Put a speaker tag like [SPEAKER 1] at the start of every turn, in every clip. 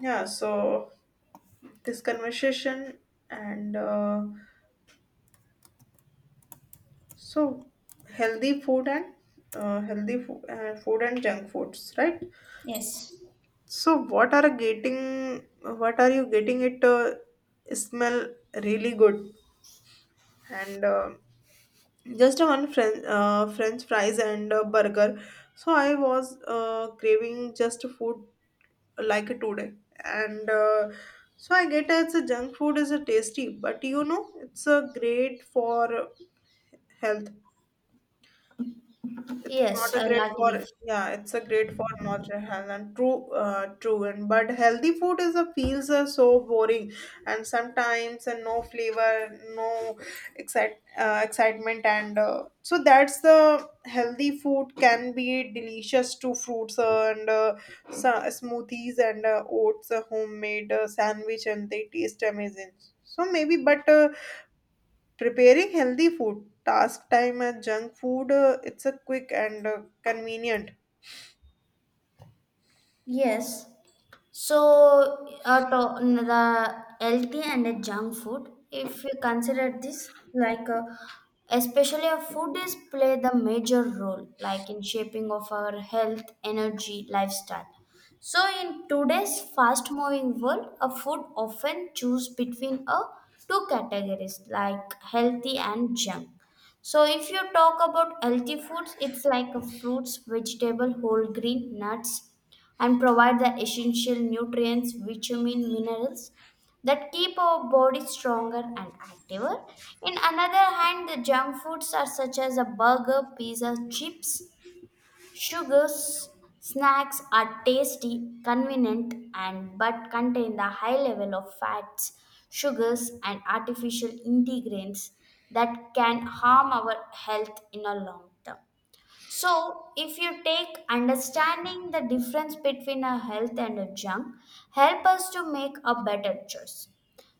[SPEAKER 1] Yeah, so this conversation and so healthy food and food and junk foods, right?
[SPEAKER 2] Yes.
[SPEAKER 1] So what are getting? What are you getting? It smell really good and just a one French fries and a burger. So I was craving just food like today and I get it's a junk food is a tasty but you know it's a great for health it's not
[SPEAKER 2] Yes,
[SPEAKER 1] a
[SPEAKER 2] I'll
[SPEAKER 1] great
[SPEAKER 2] agree.
[SPEAKER 1] for yeah, it's a great for natural health and true true and but healthy food is a feels are so boring and sometimes and no flavor, no excitement and so that's the healthy food can be delicious to fruits smoothies and oats, homemade sandwich and they taste amazing. So maybe but preparing healthy food, task time and junk food, it's a quick and convenient.
[SPEAKER 2] Yes. So, out of the healthy and the junk food, if you consider this, like especially our food is play the major role, like in shaping of our health, energy, lifestyle. So, in today's fast-moving world, a food often choose between a two categories, like healthy and junk. So if you talk about healthy foods, it's like a fruits, vegetable, whole grain, nuts, and provide the essential nutrients, vitamin, minerals that keep our body stronger and activer. In another hand, the junk foods are such as a burger, pizza, chips, sugars, snacks are tasty, convenient, and but contain the high level of fats, sugars, and artificial ingredients that can harm our health in a long term. So, if you take understanding the difference between a health and a junk, help us to make a better choice.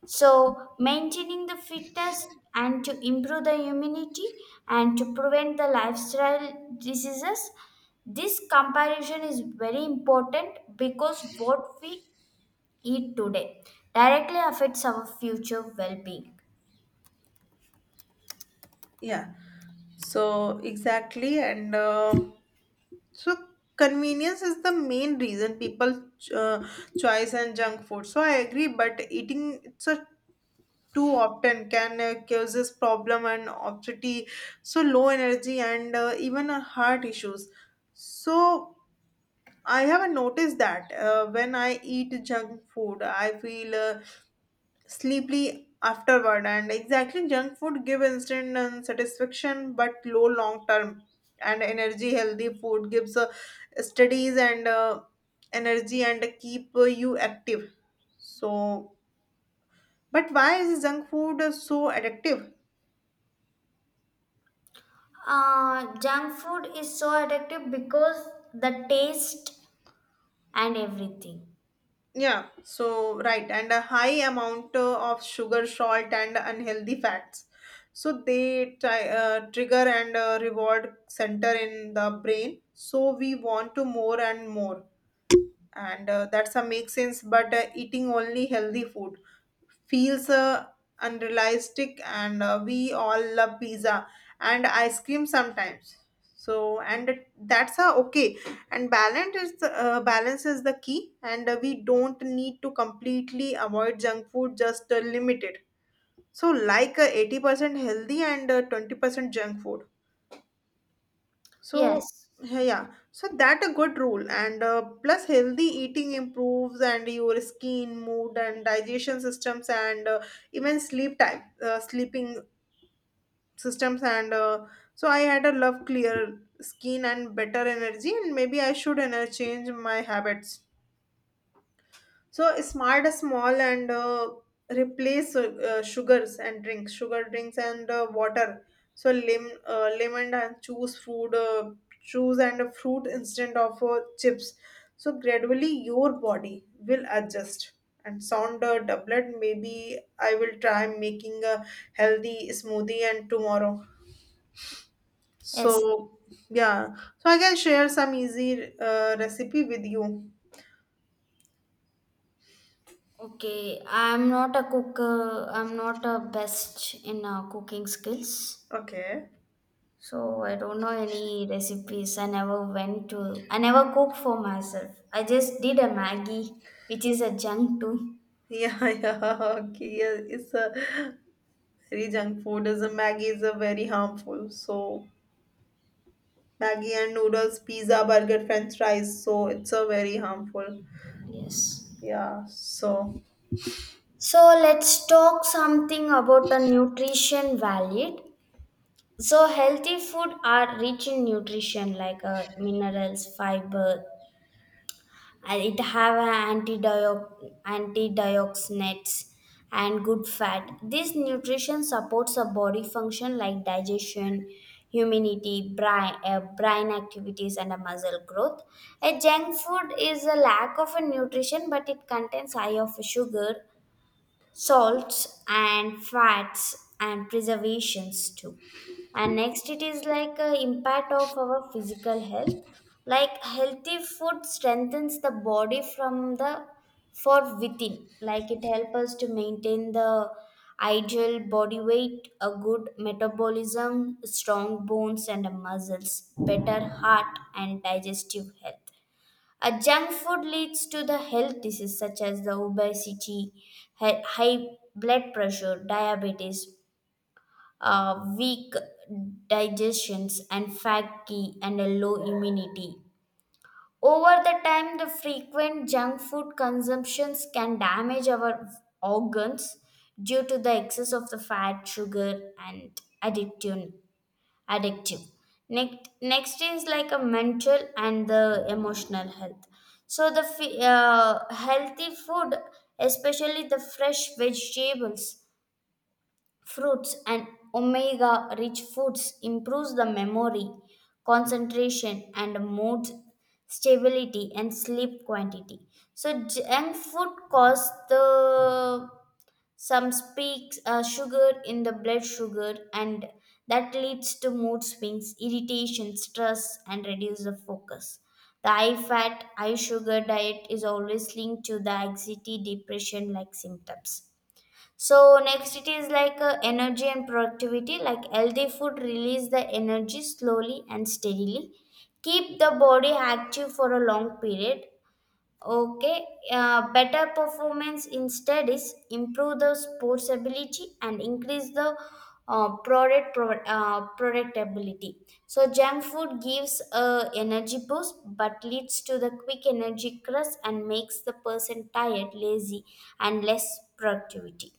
[SPEAKER 2] So, maintaining the fitness and to improve the immunity and to prevent the lifestyle diseases, this comparison is very important because what we eat today directly affects our future well being.
[SPEAKER 1] Yeah. So exactly, and so convenience is the main reason people uh, choice and junk food. So I agree, but eating it's a too often can causes problem and obesity, so low energy and even heart issues. So I have noticed that when I eat junk food, I feel sleepily afterward and exactly junk food give instant satisfaction but low long term and energy healthy food gives studies and energy and keep you active so but why is junk food so addictive
[SPEAKER 2] Junk food is so addictive because the taste and everything.
[SPEAKER 1] yeah so right and a high amount of sugar salt and unhealthy fats so they trigger and reward center in the brain so we want to more and more and that's a make sense but eating only healthy food feels unrealistic and we all love pizza and ice cream sometimes so and that's a okay and balance is the key and we don't need to completely avoid junk food just limit it so like 80% healthy and 20% junk food so
[SPEAKER 2] Yes,
[SPEAKER 1] yeah, yeah, so that a good rule and plus healthy eating improves and your skin, mood and digestion systems and even sleep time, sleeping systems and so I had a love clear skin and better energy and maybe I should change my habits. So smart, small, and replace sugar drinks and water. So lemon and choose and a fruit instead of chips. So gradually your body will adjust. And sound doublet. Maybe I will try making a healthy smoothie and tomorrow.
[SPEAKER 2] yes.
[SPEAKER 1] So yeah. So I can share some easy recipe with you.
[SPEAKER 2] Okay, I'm not a cook. I'm not a best in cooking skills,
[SPEAKER 1] Okay.
[SPEAKER 2] so I don't know any recipes. I never went to. I never cook for myself. I just did a Maggie, which is a junk too.
[SPEAKER 1] Yeah, yeah, okay. Yeah, it's a very junk food. Is a Maggie is a very harmful. So Maggie and noodles, pizza, burger, French fries. So it's a very harmful.
[SPEAKER 2] Yes.
[SPEAKER 1] Yeah. So
[SPEAKER 2] So let's talk something about a nutrition value. So healthy food are rich in nutrition like minerals, fiber, and it have a antioxidants and good fat. This nutrition supports a body function like digestion, immunity, brain, brain activities and a muscle growth. A junk food is a lack of a nutrition, but it contains high of sugar, salts and fats and preservations too. And next it is like a impact of our physical health. Like healthy food strengthens the body from the for within, like it helps us to maintain the ideal body weight, a good metabolism, strong bones and muscles, better heart and digestive health. A junk food leads to the health disease such as the obesity, high blood pressure, diabetes, weak digestions, and fatty and a low immunity. Over the time, the frequent junk food consumptions can damage our organs due to the excess of the fat, sugar, and addiction, addictive. Next is like a mental and the emotional health. So the healthy food, especially the fresh vegetables, fruits and omega rich foods improves the memory, concentration and mood stability and sleep quantity. So junk food cause the some speaks sugar in the blood sugar, and that leads to mood swings, irritation, stress, and reduce the focus. The high fat, high sugar diet is always linked to the anxiety, depression like symptoms. So next it is like energy and productivity. Like healthy food release the energy slowly and steadily, keep the body active for a long period. Okay, better performance instead is improve the sports ability and increase the productability. So junk food gives a energy boost but leads to the quick energy crush and makes the person tired, lazy, and less productivity.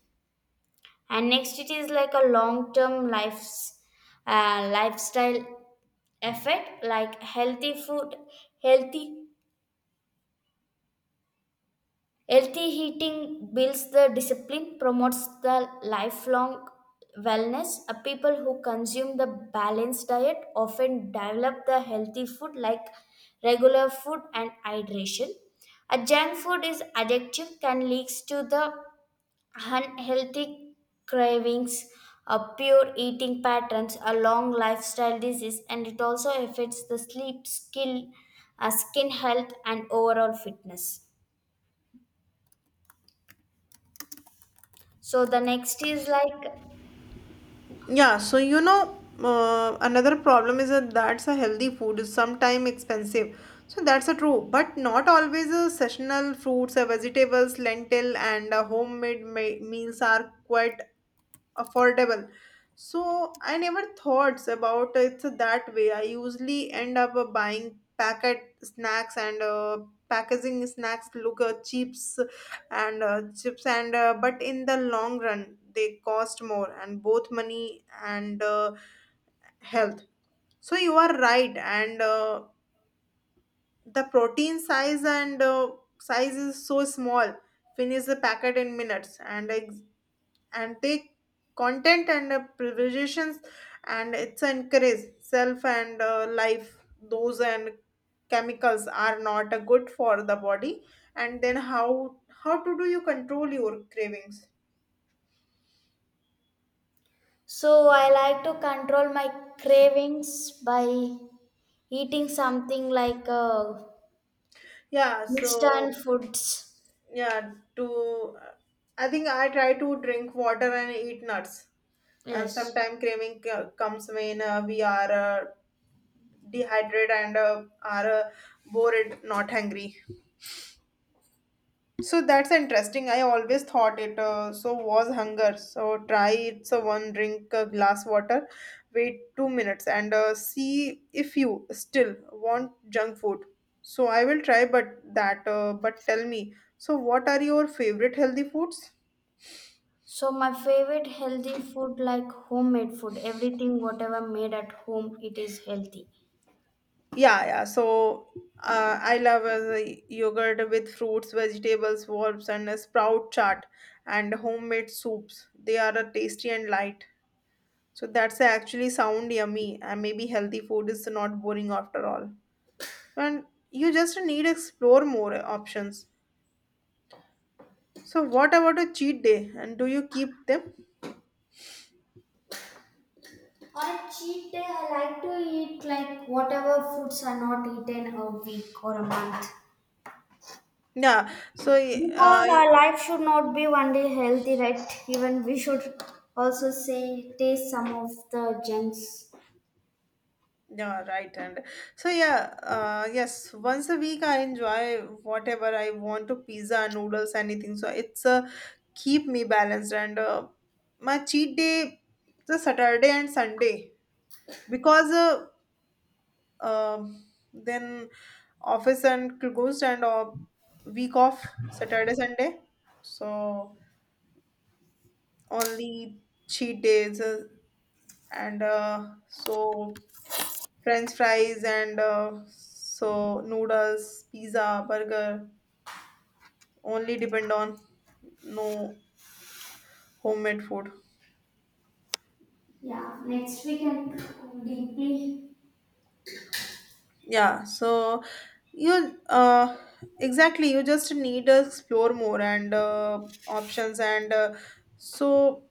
[SPEAKER 2] And next, it is like a long term life's lifestyle effect. Like healthy healthy eating builds the discipline, promotes the lifelong wellness. People who consume the balanced diet often develop the healthy food like regular food and hydration. A junk food is addictive, can leads to the unhealthy cravings, a poor eating patterns, a long lifestyle disease, and it also affects the sleep, skill, skin health, and overall fitness. So the next is like,
[SPEAKER 1] yeah. Another problem is that that's a healthy food is sometimes expensive. So that's a true, but not always. A seasonal fruits, vegetables, lentil, and homemade meals are quite affordable. So I never thought about it that way. I usually end up buying packet snacks and packaging snacks look chips and but in the long run they cost more and both money and health. So you are right and the protein size and size is so small. Finish the packet in minutes and take content and privileges and it's encourage self and life those and chemicals are not good for the body and then how to do you control your cravings
[SPEAKER 2] so I like to control my cravings by eating something like
[SPEAKER 1] yeah so
[SPEAKER 2] instant foods.
[SPEAKER 1] yeah to uh, I think I try to drink water and eat nuts and
[SPEAKER 2] Yes.
[SPEAKER 1] sometimes comes when we are dehydrated and are bored not hungry. So that's interesting. I always thought it so was hunger. So try it. So one drink a glass water, wait 2 minutes and see if you still want junk food. So I will try, but that but tell me. So what are your favorite healthy foods?
[SPEAKER 2] So my favorite healthy food like homemade food, everything whatever made at home, it is healthy.
[SPEAKER 1] Yeah, yeah. So I love yogurt with fruits, vegetables, herbs, and a sprout chart and homemade soups. They are tasty and light. So that's actually sound yummy and maybe healthy food is not boring after all. And you just need explore more options. So what about a cheat day and do you keep them?
[SPEAKER 2] On a cheat day, I like to eat like whatever foods are not eaten a week or a month.
[SPEAKER 1] Yeah. So
[SPEAKER 2] Because our life should not be only healthy, right? Even we should also say taste some of the junks.
[SPEAKER 1] yeah, right. And so yeah, yes. Once a week I enjoy whatever I want to pizza, noodles, anything. So it's keep me balanced and my cheat day the Saturday and Sunday because uh, um then office and closed and week off Saturday Sunday so only cheat days and so french fries and so noodles pizza burger only depend on no homemade food
[SPEAKER 2] Yeah, next we can deeply.
[SPEAKER 1] yeah so you exactly you just need to explore more and options and so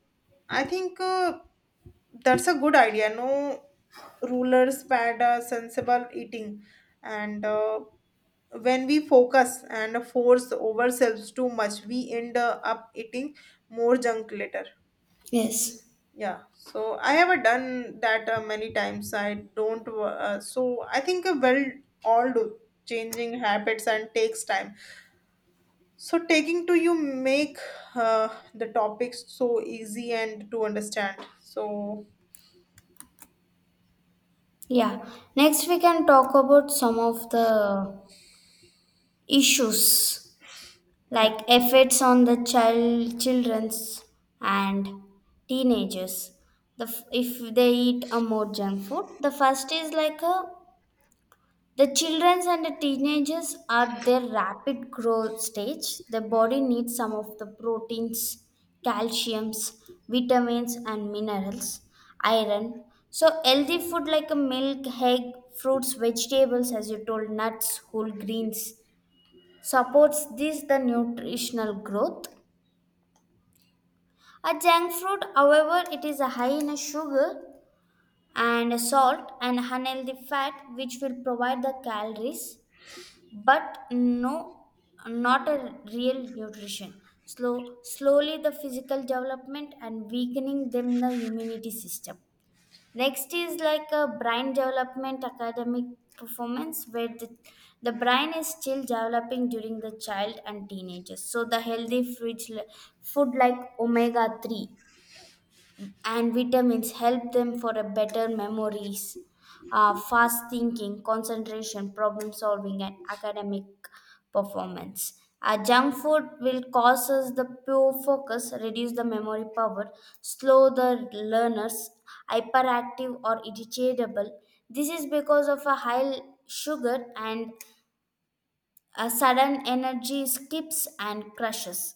[SPEAKER 1] I think that's a good idea. No rulers, sensible eating. And when we focus and force ourselves too much, we end up eating more junk later.
[SPEAKER 2] Yes.
[SPEAKER 1] Yeah, so I have done that many times. I don't, so I think well, all do changing habits and takes time. So taking to you make uh, the topics so easy and to understand. So
[SPEAKER 2] Yeah. Next we can talk about some of the issues
[SPEAKER 1] yeah,
[SPEAKER 2] like effects on the children's and teenagers. If they eat a more junk food, the first is like a the children and the teenagers are their rapid growth stage, the body needs some of the proteins, calciums, vitamins and minerals, iron. So healthy food like a milk, egg, fruits, vegetables, as you told, nuts, whole greens, supports this the nutritional growth. A junk fruit, however, it is a high in a sugar and a salt and unhealthy fat, which will provide the calories but no, not a real nutrition, slow slowly the physical development and weakening them the immunity system. Next is like a brain development, academic performance, where the brain is still developing during the child and teenagers. So the healthy fridge, food like omega 3 and vitamins help them for a better memories, fast thinking, concentration, problem solving and academic performance. Junk food will cause us the poor focus, reduce the memory power, slow the learners, hyperactive or irritable. This is because of a high sugar and a sudden energy skips and crushes.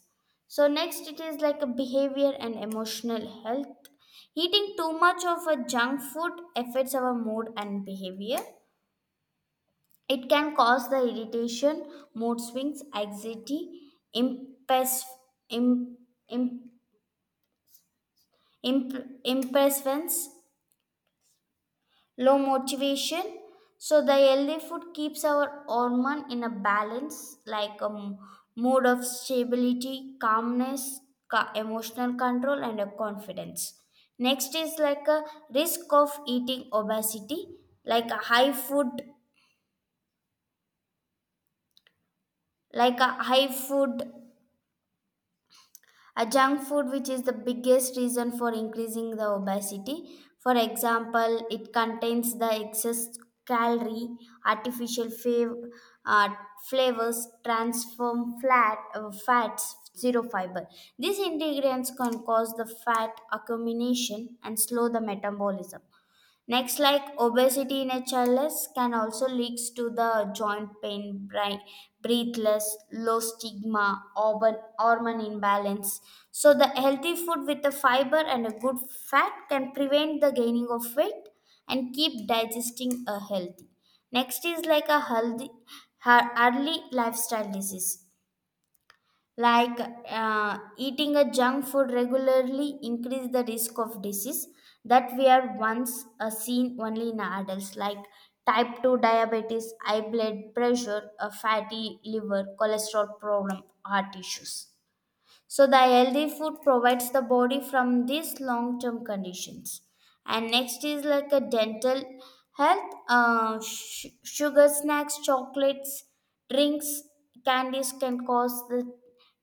[SPEAKER 2] So, next it is like a behavior and emotional health. Eating too much of a junk food affects our mood and behavior. It can cause the irritation, mood swings, anxiety, impes- im- im- impatience, low motivation. So the healthy food keeps our hormone in a balance, like a mood of stability, calmness, emotional control and a confidence. Next is like a risk of eating obesity. like a high food like a high food, a junk food which is the biggest reason for increasing the obesity. For example, it contains the excess calorie, artificial fav- uh, flavors, transform flat fats, zero fiber. These ingredients can cause the fat accumulation and slow the metabolism. Next, like obesity in a childless can also leads to the joint pain, breathless, low stigma, hormone imbalance. So the healthy food with the fiber and a good fat can prevent the gaining of weight and keep digesting a healthy. Next is like a early lifestyle disease. Like eating a junk food regularly increase the risk of disease that we are once seen only in adults, like type 2 diabetes, high blood pressure, a fatty liver, cholesterol problem, heart issues. So the healthy food provides the body from these long-term conditions. And next is like a dental health. Sugar snacks, chocolates, drinks, candies can cause the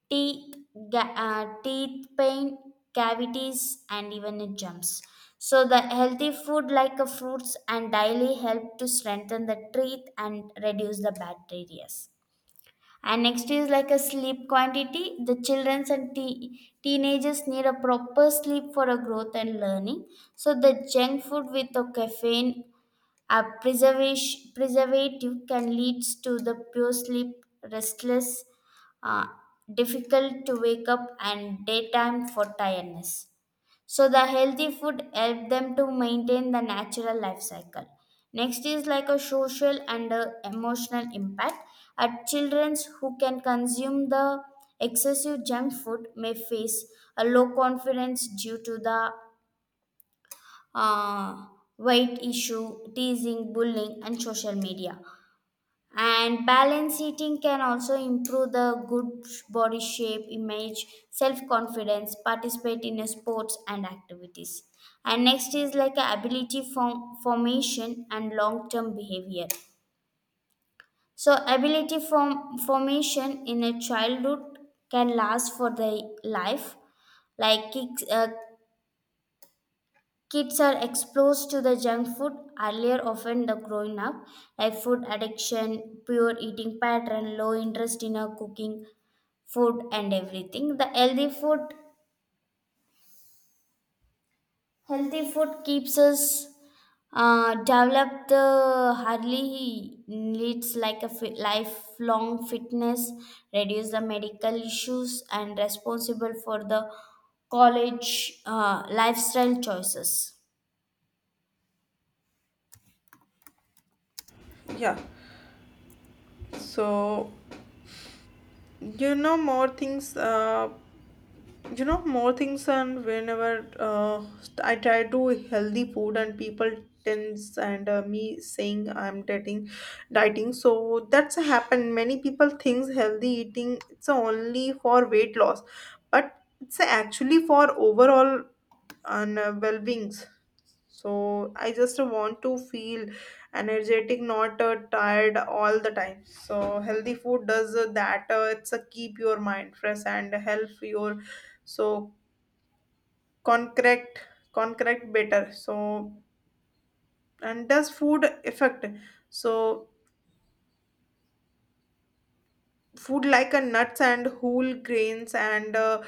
[SPEAKER 2] teeth, teeth pain, cavities, and even it jumps. So the healthy food like a fruits and daily help to strengthen the teeth and reduce the bacteria. And next is like a sleep quantity. The children and teenagers need a proper sleep for a growth and learning. So the junk food with the caffeine, a preservation preservative can leads to the poor sleep, restless, uh, difficult to wake up, and daytime for tiredness. So the healthy food help them to maintain the natural life cycle. Next is like a social and emotional impact. At childrens who can consume the excessive junk food may face a low confidence due to the uh, weight issue, teasing, bullying and social media. And balanced eating can also improve the good body shape image, self confidence, participate in a sports and activities. And next is like a ability formation and long term behavior. So ability formation in a childhood can last for the life, like kids are exposed to the junk food earlier often the growing up, like food addiction, poor eating pattern, low interest in our cooking, food and everything. The healthy food Healthy food keeps us develop the hardly needs like a lifelong fitness, reduce the medical issues and responsible for the college lifestyle choices.
[SPEAKER 1] yeah. So you know more things uh, you know more things and whenever I try to healthy food and people tends and me saying I'm dieting so that's happened many people thinks healthy eating it's only for weight loss but it's actually for overall and well beings. So I just want to feel energetic, not tired all the time. So healthy food does that. It's a keep your mind fresh and help your so concrete concrete better. So and does food affect? So food like a nuts and whole grains and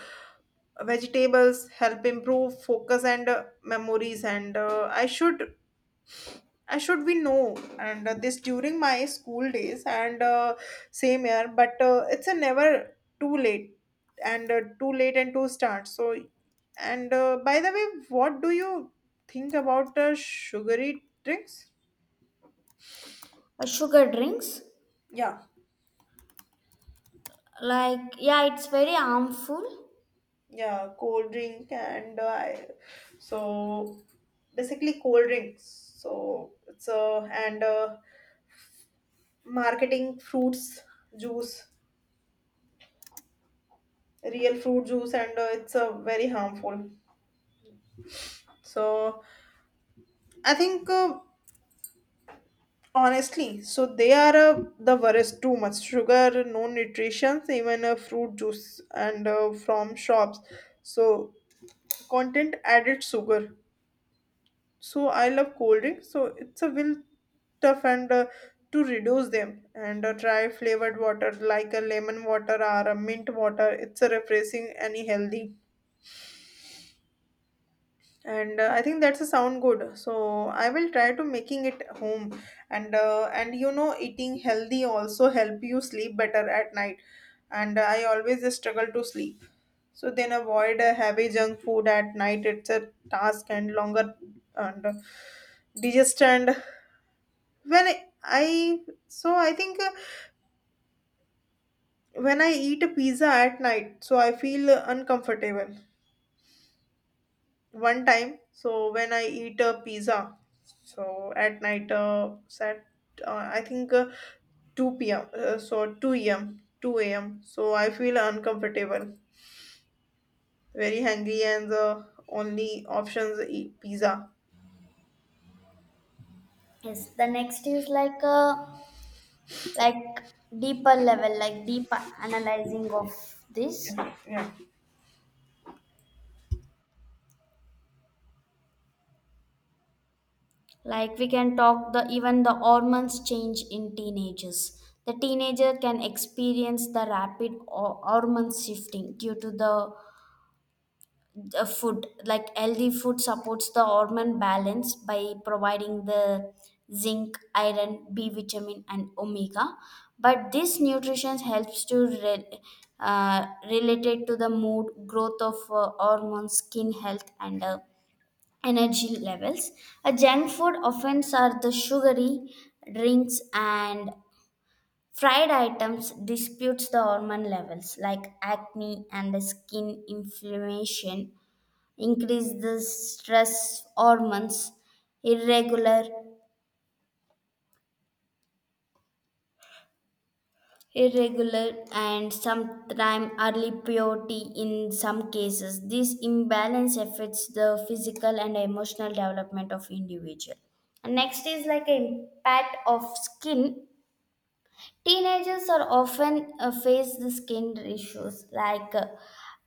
[SPEAKER 1] vegetables help improve focus and memories and I should I should be no, and this during my school days and same year, but it's a never too late and too late and too start. So, and by the way, what do you think about sugary drinks?
[SPEAKER 2] Sugar drinks.
[SPEAKER 1] Yeah,
[SPEAKER 2] Like yeah, it's very harmful.
[SPEAKER 1] yeah, cold drink and I, so basically cold drinks. So it's and marketing fruits juice, real fruit juice, and it's very harmful. So I think honestly, so they are the worst. Too much sugar, no nutrition, even fruit juice and from shops. So content added sugar. So I love cold drink. So it's a will tough and to reduce them and try flavored water like a lemon water or a mint water. It's a refreshing and healthy. And I think that's a sound good so I will try to making it home and you know eating healthy also help you sleep better at night and I always struggle to sleep so then avoid heavy junk food at night it's a task and longer and digestion when I- so I think when I eat a pizza at night so I feel uncomfortable one time so when I eat a pizza so at night sat I think 2 p.m 2 a.m so I feel uncomfortable very hungry and the only options eat pizza
[SPEAKER 2] Yes, the next is like a, like deeper level, like deep analyzing of this.
[SPEAKER 1] yeah
[SPEAKER 2] Like we can talk the even the hormones change in teenagers. The teenager can experience the rapid hormone shifting due to the food. Like healthy food supports the hormone balance by providing the zinc, iron, b vitamin and omega, but this nutrition helps to related to the mood, growth of hormones, skin health and energy levels. A junk food offense are the sugary drinks and fried items disputes the hormone levels like acne and the skin inflammation, increase the stress hormones, irregular, irregular, and sometimes early puberty in some cases. This imbalance affects the physical and emotional development of individual. And next is like an impact of skin. Teenagers are often face the skin issues like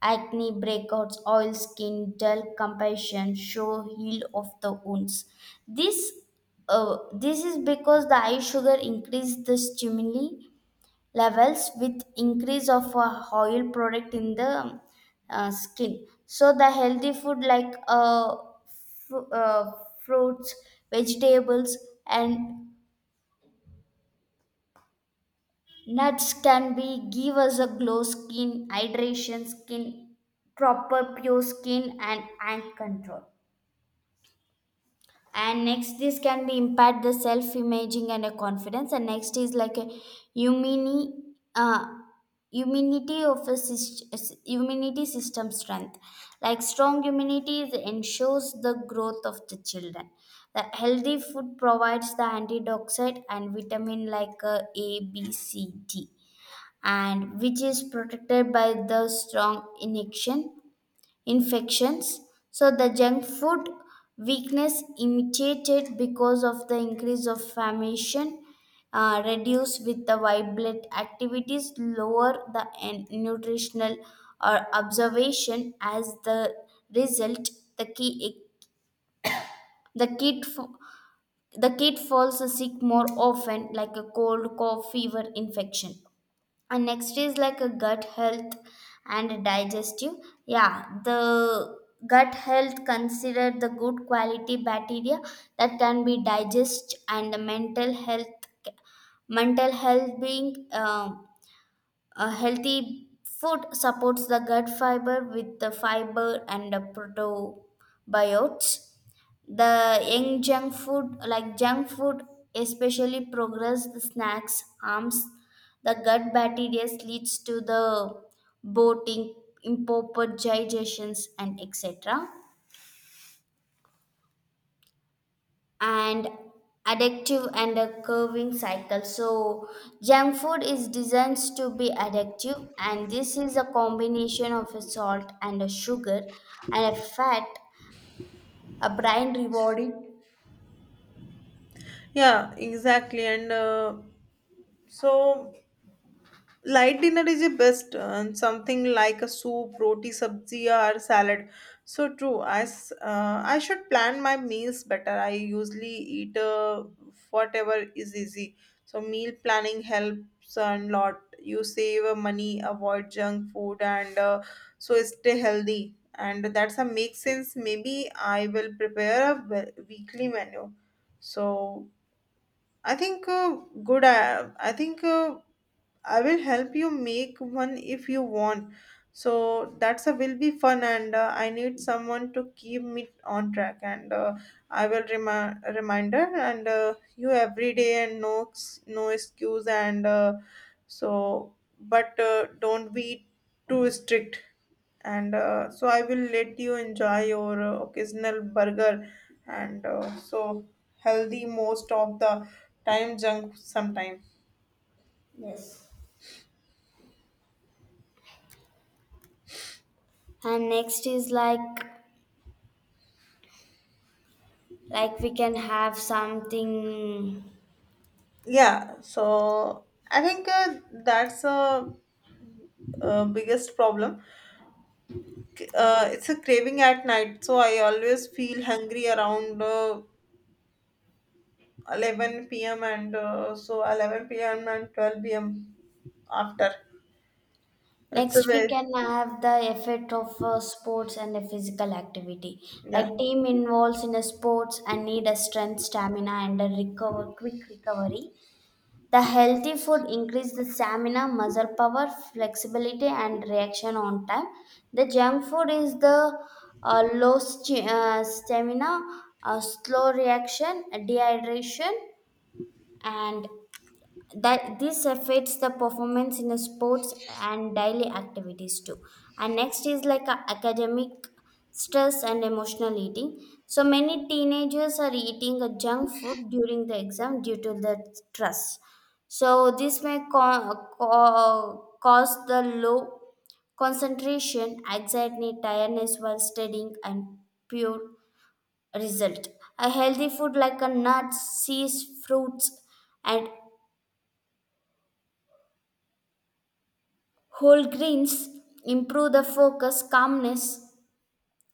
[SPEAKER 2] acne breakouts, oil skin, dull complexion, show heal of the wounds. This this is because the eye sugar increase the stimuli levels with increase of oil product in the skin. So the healthy food like fr- uh, fruits, vegetables, and nuts can be give us a glow skin, hydration skin, proper pure skin and ant control. And next this can be impact the self imaging and a confidence. And next is like a immunity, uh, immunity of a immunity system strength. Like strong immunity ensures the growth of the children. The healthy food provides the antioxidant and vitamin like A, B, C, D and which is protected by the strong infections. So the junk food weakness imitated because of the increase of famation reduce with the vibrant activities lower the nutritional or observation as the result the key e-, the kid f- the kid falls sick more often like a cold cough fever infection. And next is like a gut health and digestive. Yeah, the gut health consider the good quality bacteria that can be digest and the mental health being a healthy food supports the gut fiber with the fiber and the probiotics. The young junk food like junk food especially progress snacks harms the gut bacteria leads to the bloating, improper digestions and etc. And addictive and a curving cycle. So junk food is designed to be addictive and this is a combination of a salt and a sugar and a fat, a brain rewarding.
[SPEAKER 1] yeah exactly and so light dinner is the best, and something like a soup, roti, sabzi, or salad. So true. I should plan my meals better. I usually eat whatever is easy. So meal planning helps a lot. You save money, avoid junk food, and so stay healthy. And that's a make sense. Maybe I will prepare a weekly menu. So I think good. I think. I will help you make one if you want. So that's a will be fun, and I need someone to keep me on track. And I will remind reminder and you every day and no excuse and so but don't be too strict. And so I will let you enjoy your occasional burger and so healthy most of the time junk sometime.
[SPEAKER 2] Yes, and next is like we can have something.
[SPEAKER 1] Yeah so I think that's a biggest problem. It's a craving at night so I always feel hungry around 11 p.m and so 11 p.m and 12 p.m after it's a
[SPEAKER 2] Next we
[SPEAKER 1] very
[SPEAKER 2] can have the effect of sports and a physical activity. Like
[SPEAKER 1] yeah
[SPEAKER 2] team involves in a sports and need a strength stamina and a recover quick recovery. The healthy food increase the stamina muscle power, flexibility and reaction on time. The junk food is the stamina, slow reaction, dehydration, and that this affects the performance in the sports and daily activities too. And next is like a academic stress and emotional eating. So many teenagers are eating a junk food during the exam due to the stress. So this may cause the low concentration, anxiety, tiredness while studying and pure result. A healthy food like a nuts, seeds, fruits, and whole grains improve the focus, calmness,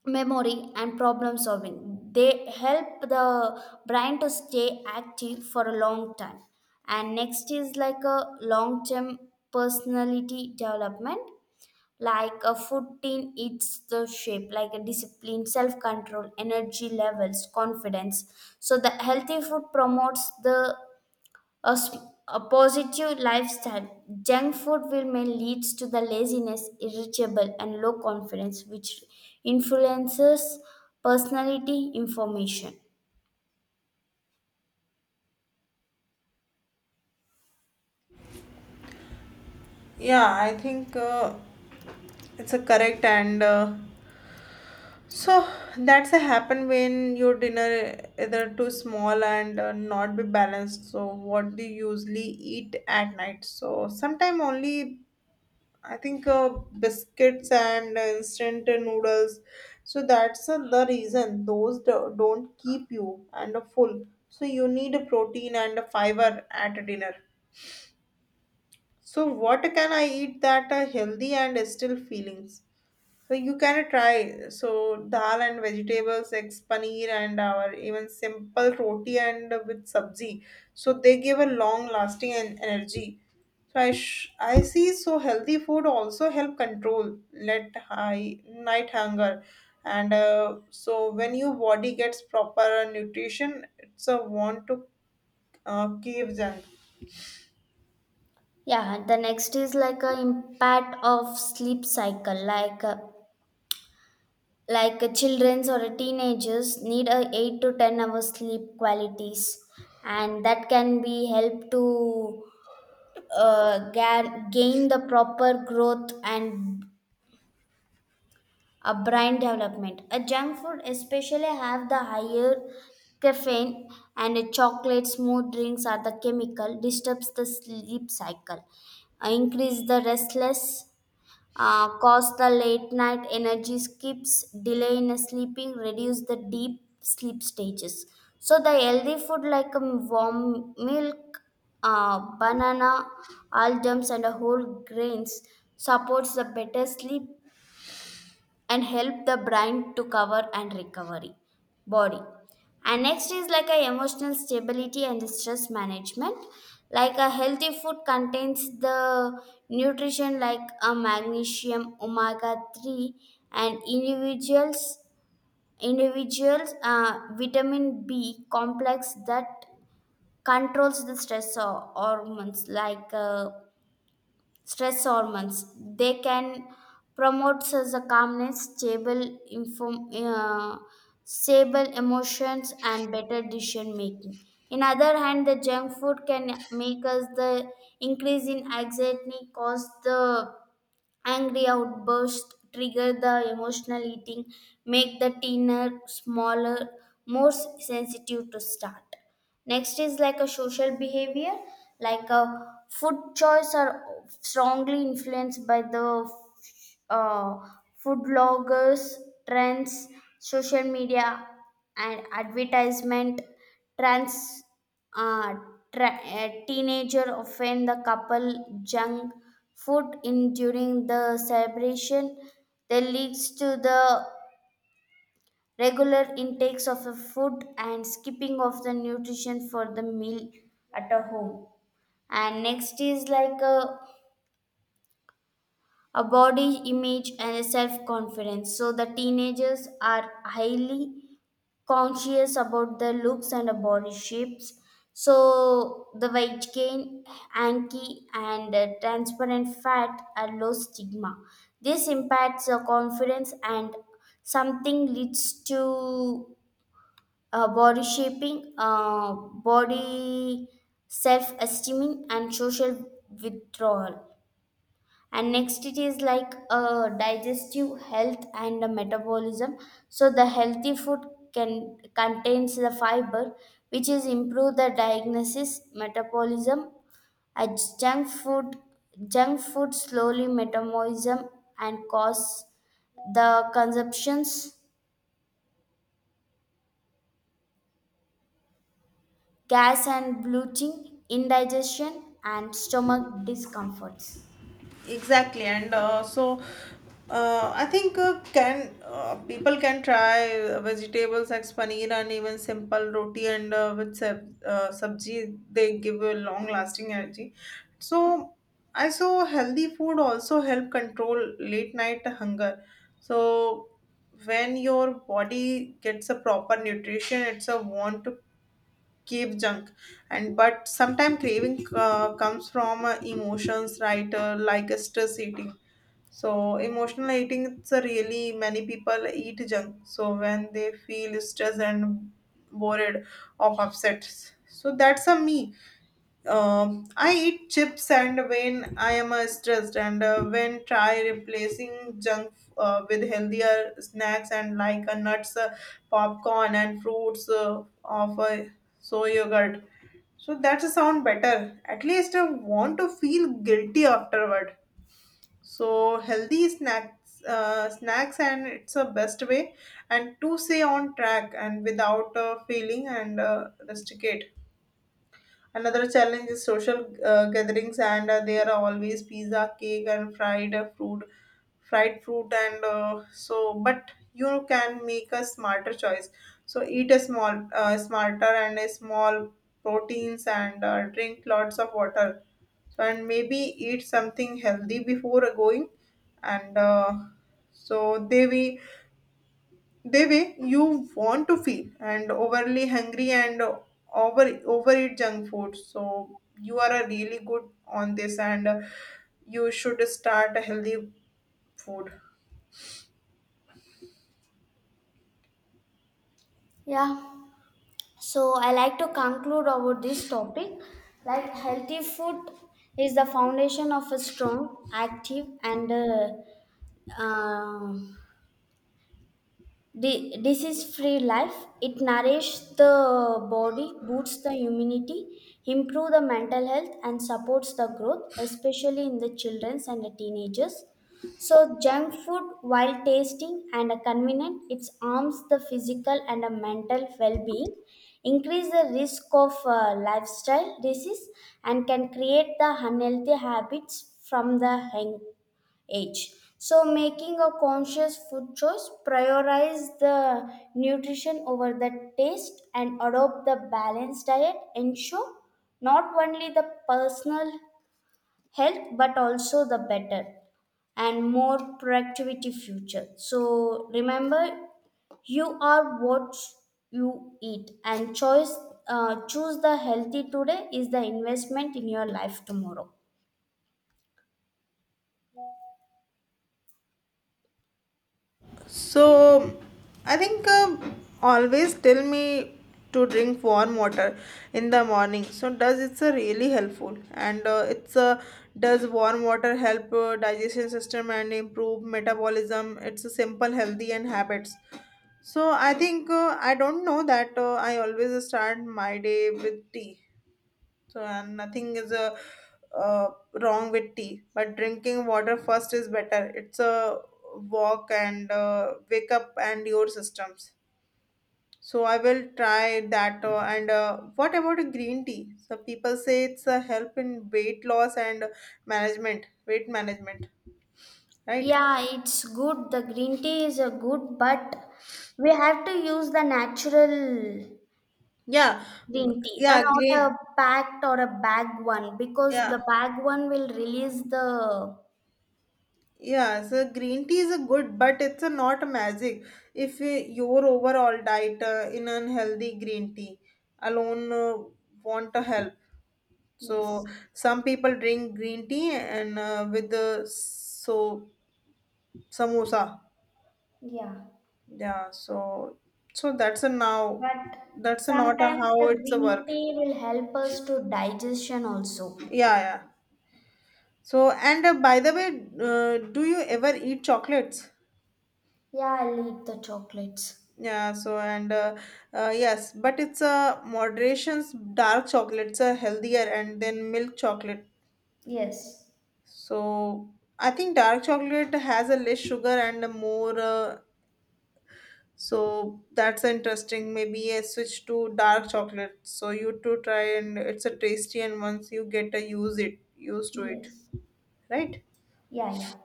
[SPEAKER 2] memory, and problem solving. They help the brain to stay active for a long time. And next is like a long term personality development. Like a food team eats the shape, like a discipline, self control, energy levels, confidence. So, the healthy food promotes the a, s- a positive lifestyle. Junk food will may leads to the laziness, irritable, and low confidence, which influences personality information.
[SPEAKER 1] yeah I think it's a correct and so that's a happen when your dinner either too small and not be balanced. So what do you usually eat at night? So sometime only I think biscuits and instant noodles. So that's the reason those don't keep you and full. So you need a protein and a fiber at dinner. So what can I eat that are healthy and still feelings? So you can try so dal and vegetables, eggs, paneer, and our even simple roti and with sabzi. So they give a long lasting energy. So I see so healthy food also help control let high night hunger, and so when your body gets proper nutrition, it's a want to cave junk.
[SPEAKER 2] Yeah, the next is like a impact of sleep cycle, like childrens or teenagers need a 8 to 10 hour sleep qualities, and that can be help to gain the proper growth and a brain development. A junk food especially have the higher caffeine and a chocolate smooth drinks are the chemical disturbs the sleep cycle, increase the restless, cause the late night energy skips, delay in sleeping, reduce the deep sleep stages. So the healthy food like warm milk, banana, almonds and whole grains supports the better sleep and help the brain to cover and recovery body. And next is like a emotional stability and stress management. Like a healthy food contains the nutrition like a magnesium omega 3 and individuals vitamin b complex that controls the stress hormones like stress hormones. They can the calmness, stable, inform, uh, stable emotions, and better decision making. In other hand, the junk food can make us the increase in anxiety, cause the angry outbursts, trigger the emotional eating, make the thinner, smaller, more sensitive to start. Next is like a social behavior, like a food choice are strongly influenced by the uh, food bloggers, trends, social media, and advertisement trends. uh, a teenager offend the couple junk food in during the celebration that leads to the regular intakes of the food and skipping of the nutrition for the meal at a home. And next is like a body image and a self confidence. So the teenagers are highly conscious about their looks and body shapes. So the weight gain, anky, and transparent fat are low stigma. This impacts the confidence and something leads to body self-esteem, and social withdrawal. And next it is like digestive health and the metabolism. So the healthy food can contains the fiber which is improve the diagnosis metabolism. A junk food junk food slowly metabolism and cause the consumptions, gas and bloating, indigestion, and stomach discomforts.
[SPEAKER 1] Exactly and so, I think can, people can try vegetables like paneer and even simple roti and with sabji. They give a long lasting energy. So I saw healthy food also help control late night hunger. So when your body gets a proper nutrition, it's a want cave junk. And but sometimes craving comes from emotions, right? Like stress eating. So emotional eating, it's a really many people eat junk so when they feel stressed and worried of upset, so that's a me. I eat chips and when I am stressed, and when try replacing junk with healthier snacks and like nuts, popcorn and fruits, of soy yogurt. So that's a sound better. At least I want to feel guilty afterward. So healthy snacks, snacks, and it's a best way, and to stay on track and without feeling and rusticate. Another challenge is social gatherings, and there are always pizza, cake, and fried fruit, and so but you can make a smarter choice. So eat a small, smarter and a small proteins, and drink lots of water. So and maybe eat something healthy before going, and so they way you want to feel and overly hungry and overeat junk food. So you are a really good on this, and you should start a healthy food.
[SPEAKER 2] Yeah. So I like to conclude about this topic. Like healthy food is the foundation of a strong, active, and um disease-free life. It nourishes the body, boosts the immunity, improve the mental health, and supports the growth, especially in the childrens and the teenagers. So junk food, while tasting and convenient, it harms the physical and the mental well-being, increase the risk of lifestyle disease, and can create the unhealthy habits from the young age. So, making a conscious food choice, prioritize the nutrition over the taste, and adopt the balanced diet, ensure not only the personal health but also the better and more productivity future. So, remember you are what you eat and choice choose the healthy today is the investment in your life tomorrow.
[SPEAKER 1] So I think, always tell me to drink warm water in the morning. So does it's a really helpful, and it's a, does warm water help digestion system and improve metabolism? It's a simple healthy and habits. So I think, I don't know that, I always start my day with tea, so, and nothing is uh, wrong with tea, but drinking water first is better. It's a walk and wake up and your systems. So I will try that. And What about a green tea? So people say it's a help in weight loss and management, weight management, right?
[SPEAKER 2] Yeah, it's good. The green tea is a good, but we have to use the natural
[SPEAKER 1] Yeah,
[SPEAKER 2] green tea,
[SPEAKER 1] yeah,
[SPEAKER 2] not
[SPEAKER 1] green,
[SPEAKER 2] a packed or a bag one, because the
[SPEAKER 1] yeah.
[SPEAKER 2] bag one will release the.
[SPEAKER 1] Yeah, so green tea is a good, but it's a not a magic. If your overall diet in unhealthy, green tea alone want to help. So
[SPEAKER 2] Yes.
[SPEAKER 1] some people drink green tea and with the so samosa.
[SPEAKER 2] Yeah.
[SPEAKER 1] Yeah, so that's a now
[SPEAKER 2] But
[SPEAKER 1] that's a not a
[SPEAKER 2] sometimes the
[SPEAKER 1] how it's a
[SPEAKER 2] green
[SPEAKER 1] work.
[SPEAKER 2] tea will help us to digestion
[SPEAKER 1] Yeah,
[SPEAKER 2] also.
[SPEAKER 1] yeah. So and by the way, do you ever eat chocolates?
[SPEAKER 2] Yeah, I'll eat the chocolates.
[SPEAKER 1] Yeah, so and yes, but it's a moderation's dark chocolates are healthier and then milk chocolate.
[SPEAKER 2] Yes.
[SPEAKER 1] So I think dark chocolate has a less sugar and a more, so that's interesting. Maybe a switch to dark chocolate. So you to try, and it's a tasty, and once you get to use it, used to it,
[SPEAKER 2] Yes.
[SPEAKER 1] right?
[SPEAKER 2] Yeah, yeah.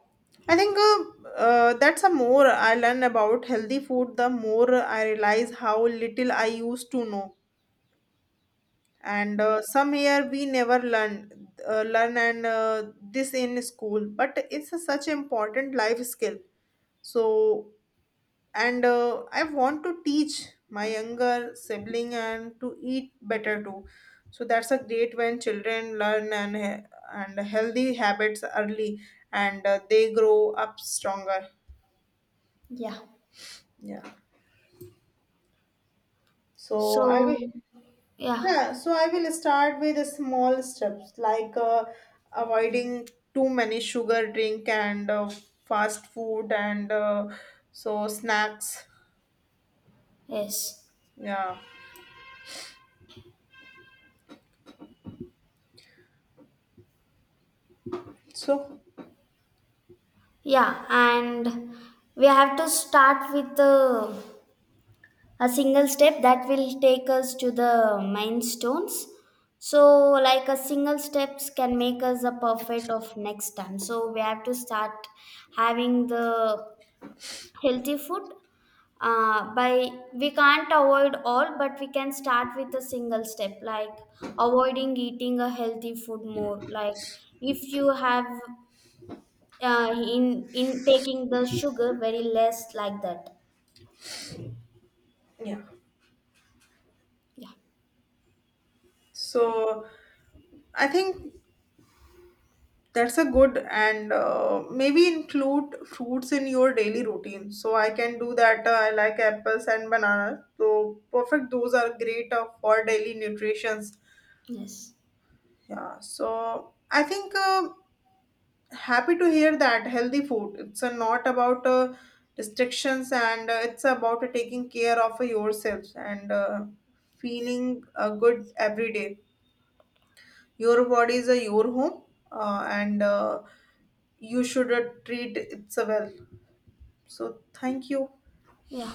[SPEAKER 1] I think that's a more I learn about healthy food, the more I realize how little I used to know. And
[SPEAKER 2] Yeah.
[SPEAKER 1] some here we never learn and this in school, but it's a such important life skill. So and I want to teach my younger sibling and to eat better too. So that's a great when children and healthy habits early, and they grow up stronger.
[SPEAKER 2] Yeah.
[SPEAKER 1] Yeah, so I will.
[SPEAKER 2] So, yeah.
[SPEAKER 1] Yeah, so I will start with a small steps, like avoiding too many sugar drink, and fast food, and so snacks.
[SPEAKER 2] Yes.
[SPEAKER 1] Yeah. So
[SPEAKER 2] Yeah, and we have to start with a single step that will take us to the milestones. So, like a single steps can make us a perfect of next time. So, we have to start having the healthy food. By we can't avoid all, but we can start with a single step, like avoiding eating a healthy food more. Like if you have in taking the sugar very less like that.
[SPEAKER 1] yeah.
[SPEAKER 2] Yeah.
[SPEAKER 1] So I think that's a good, and maybe include fruits in your daily routine. So I can do that. I like apples and bananas. So perfect. Those are great for daily nutritions.
[SPEAKER 2] Yes.
[SPEAKER 1] Yeah. So I think. Happy to hear that healthy food it's a not about restrictions, and it's about taking care of yourself, and feeling good every day. Your body is your home, and you should treat it so well. So thank you.
[SPEAKER 2] Yeah.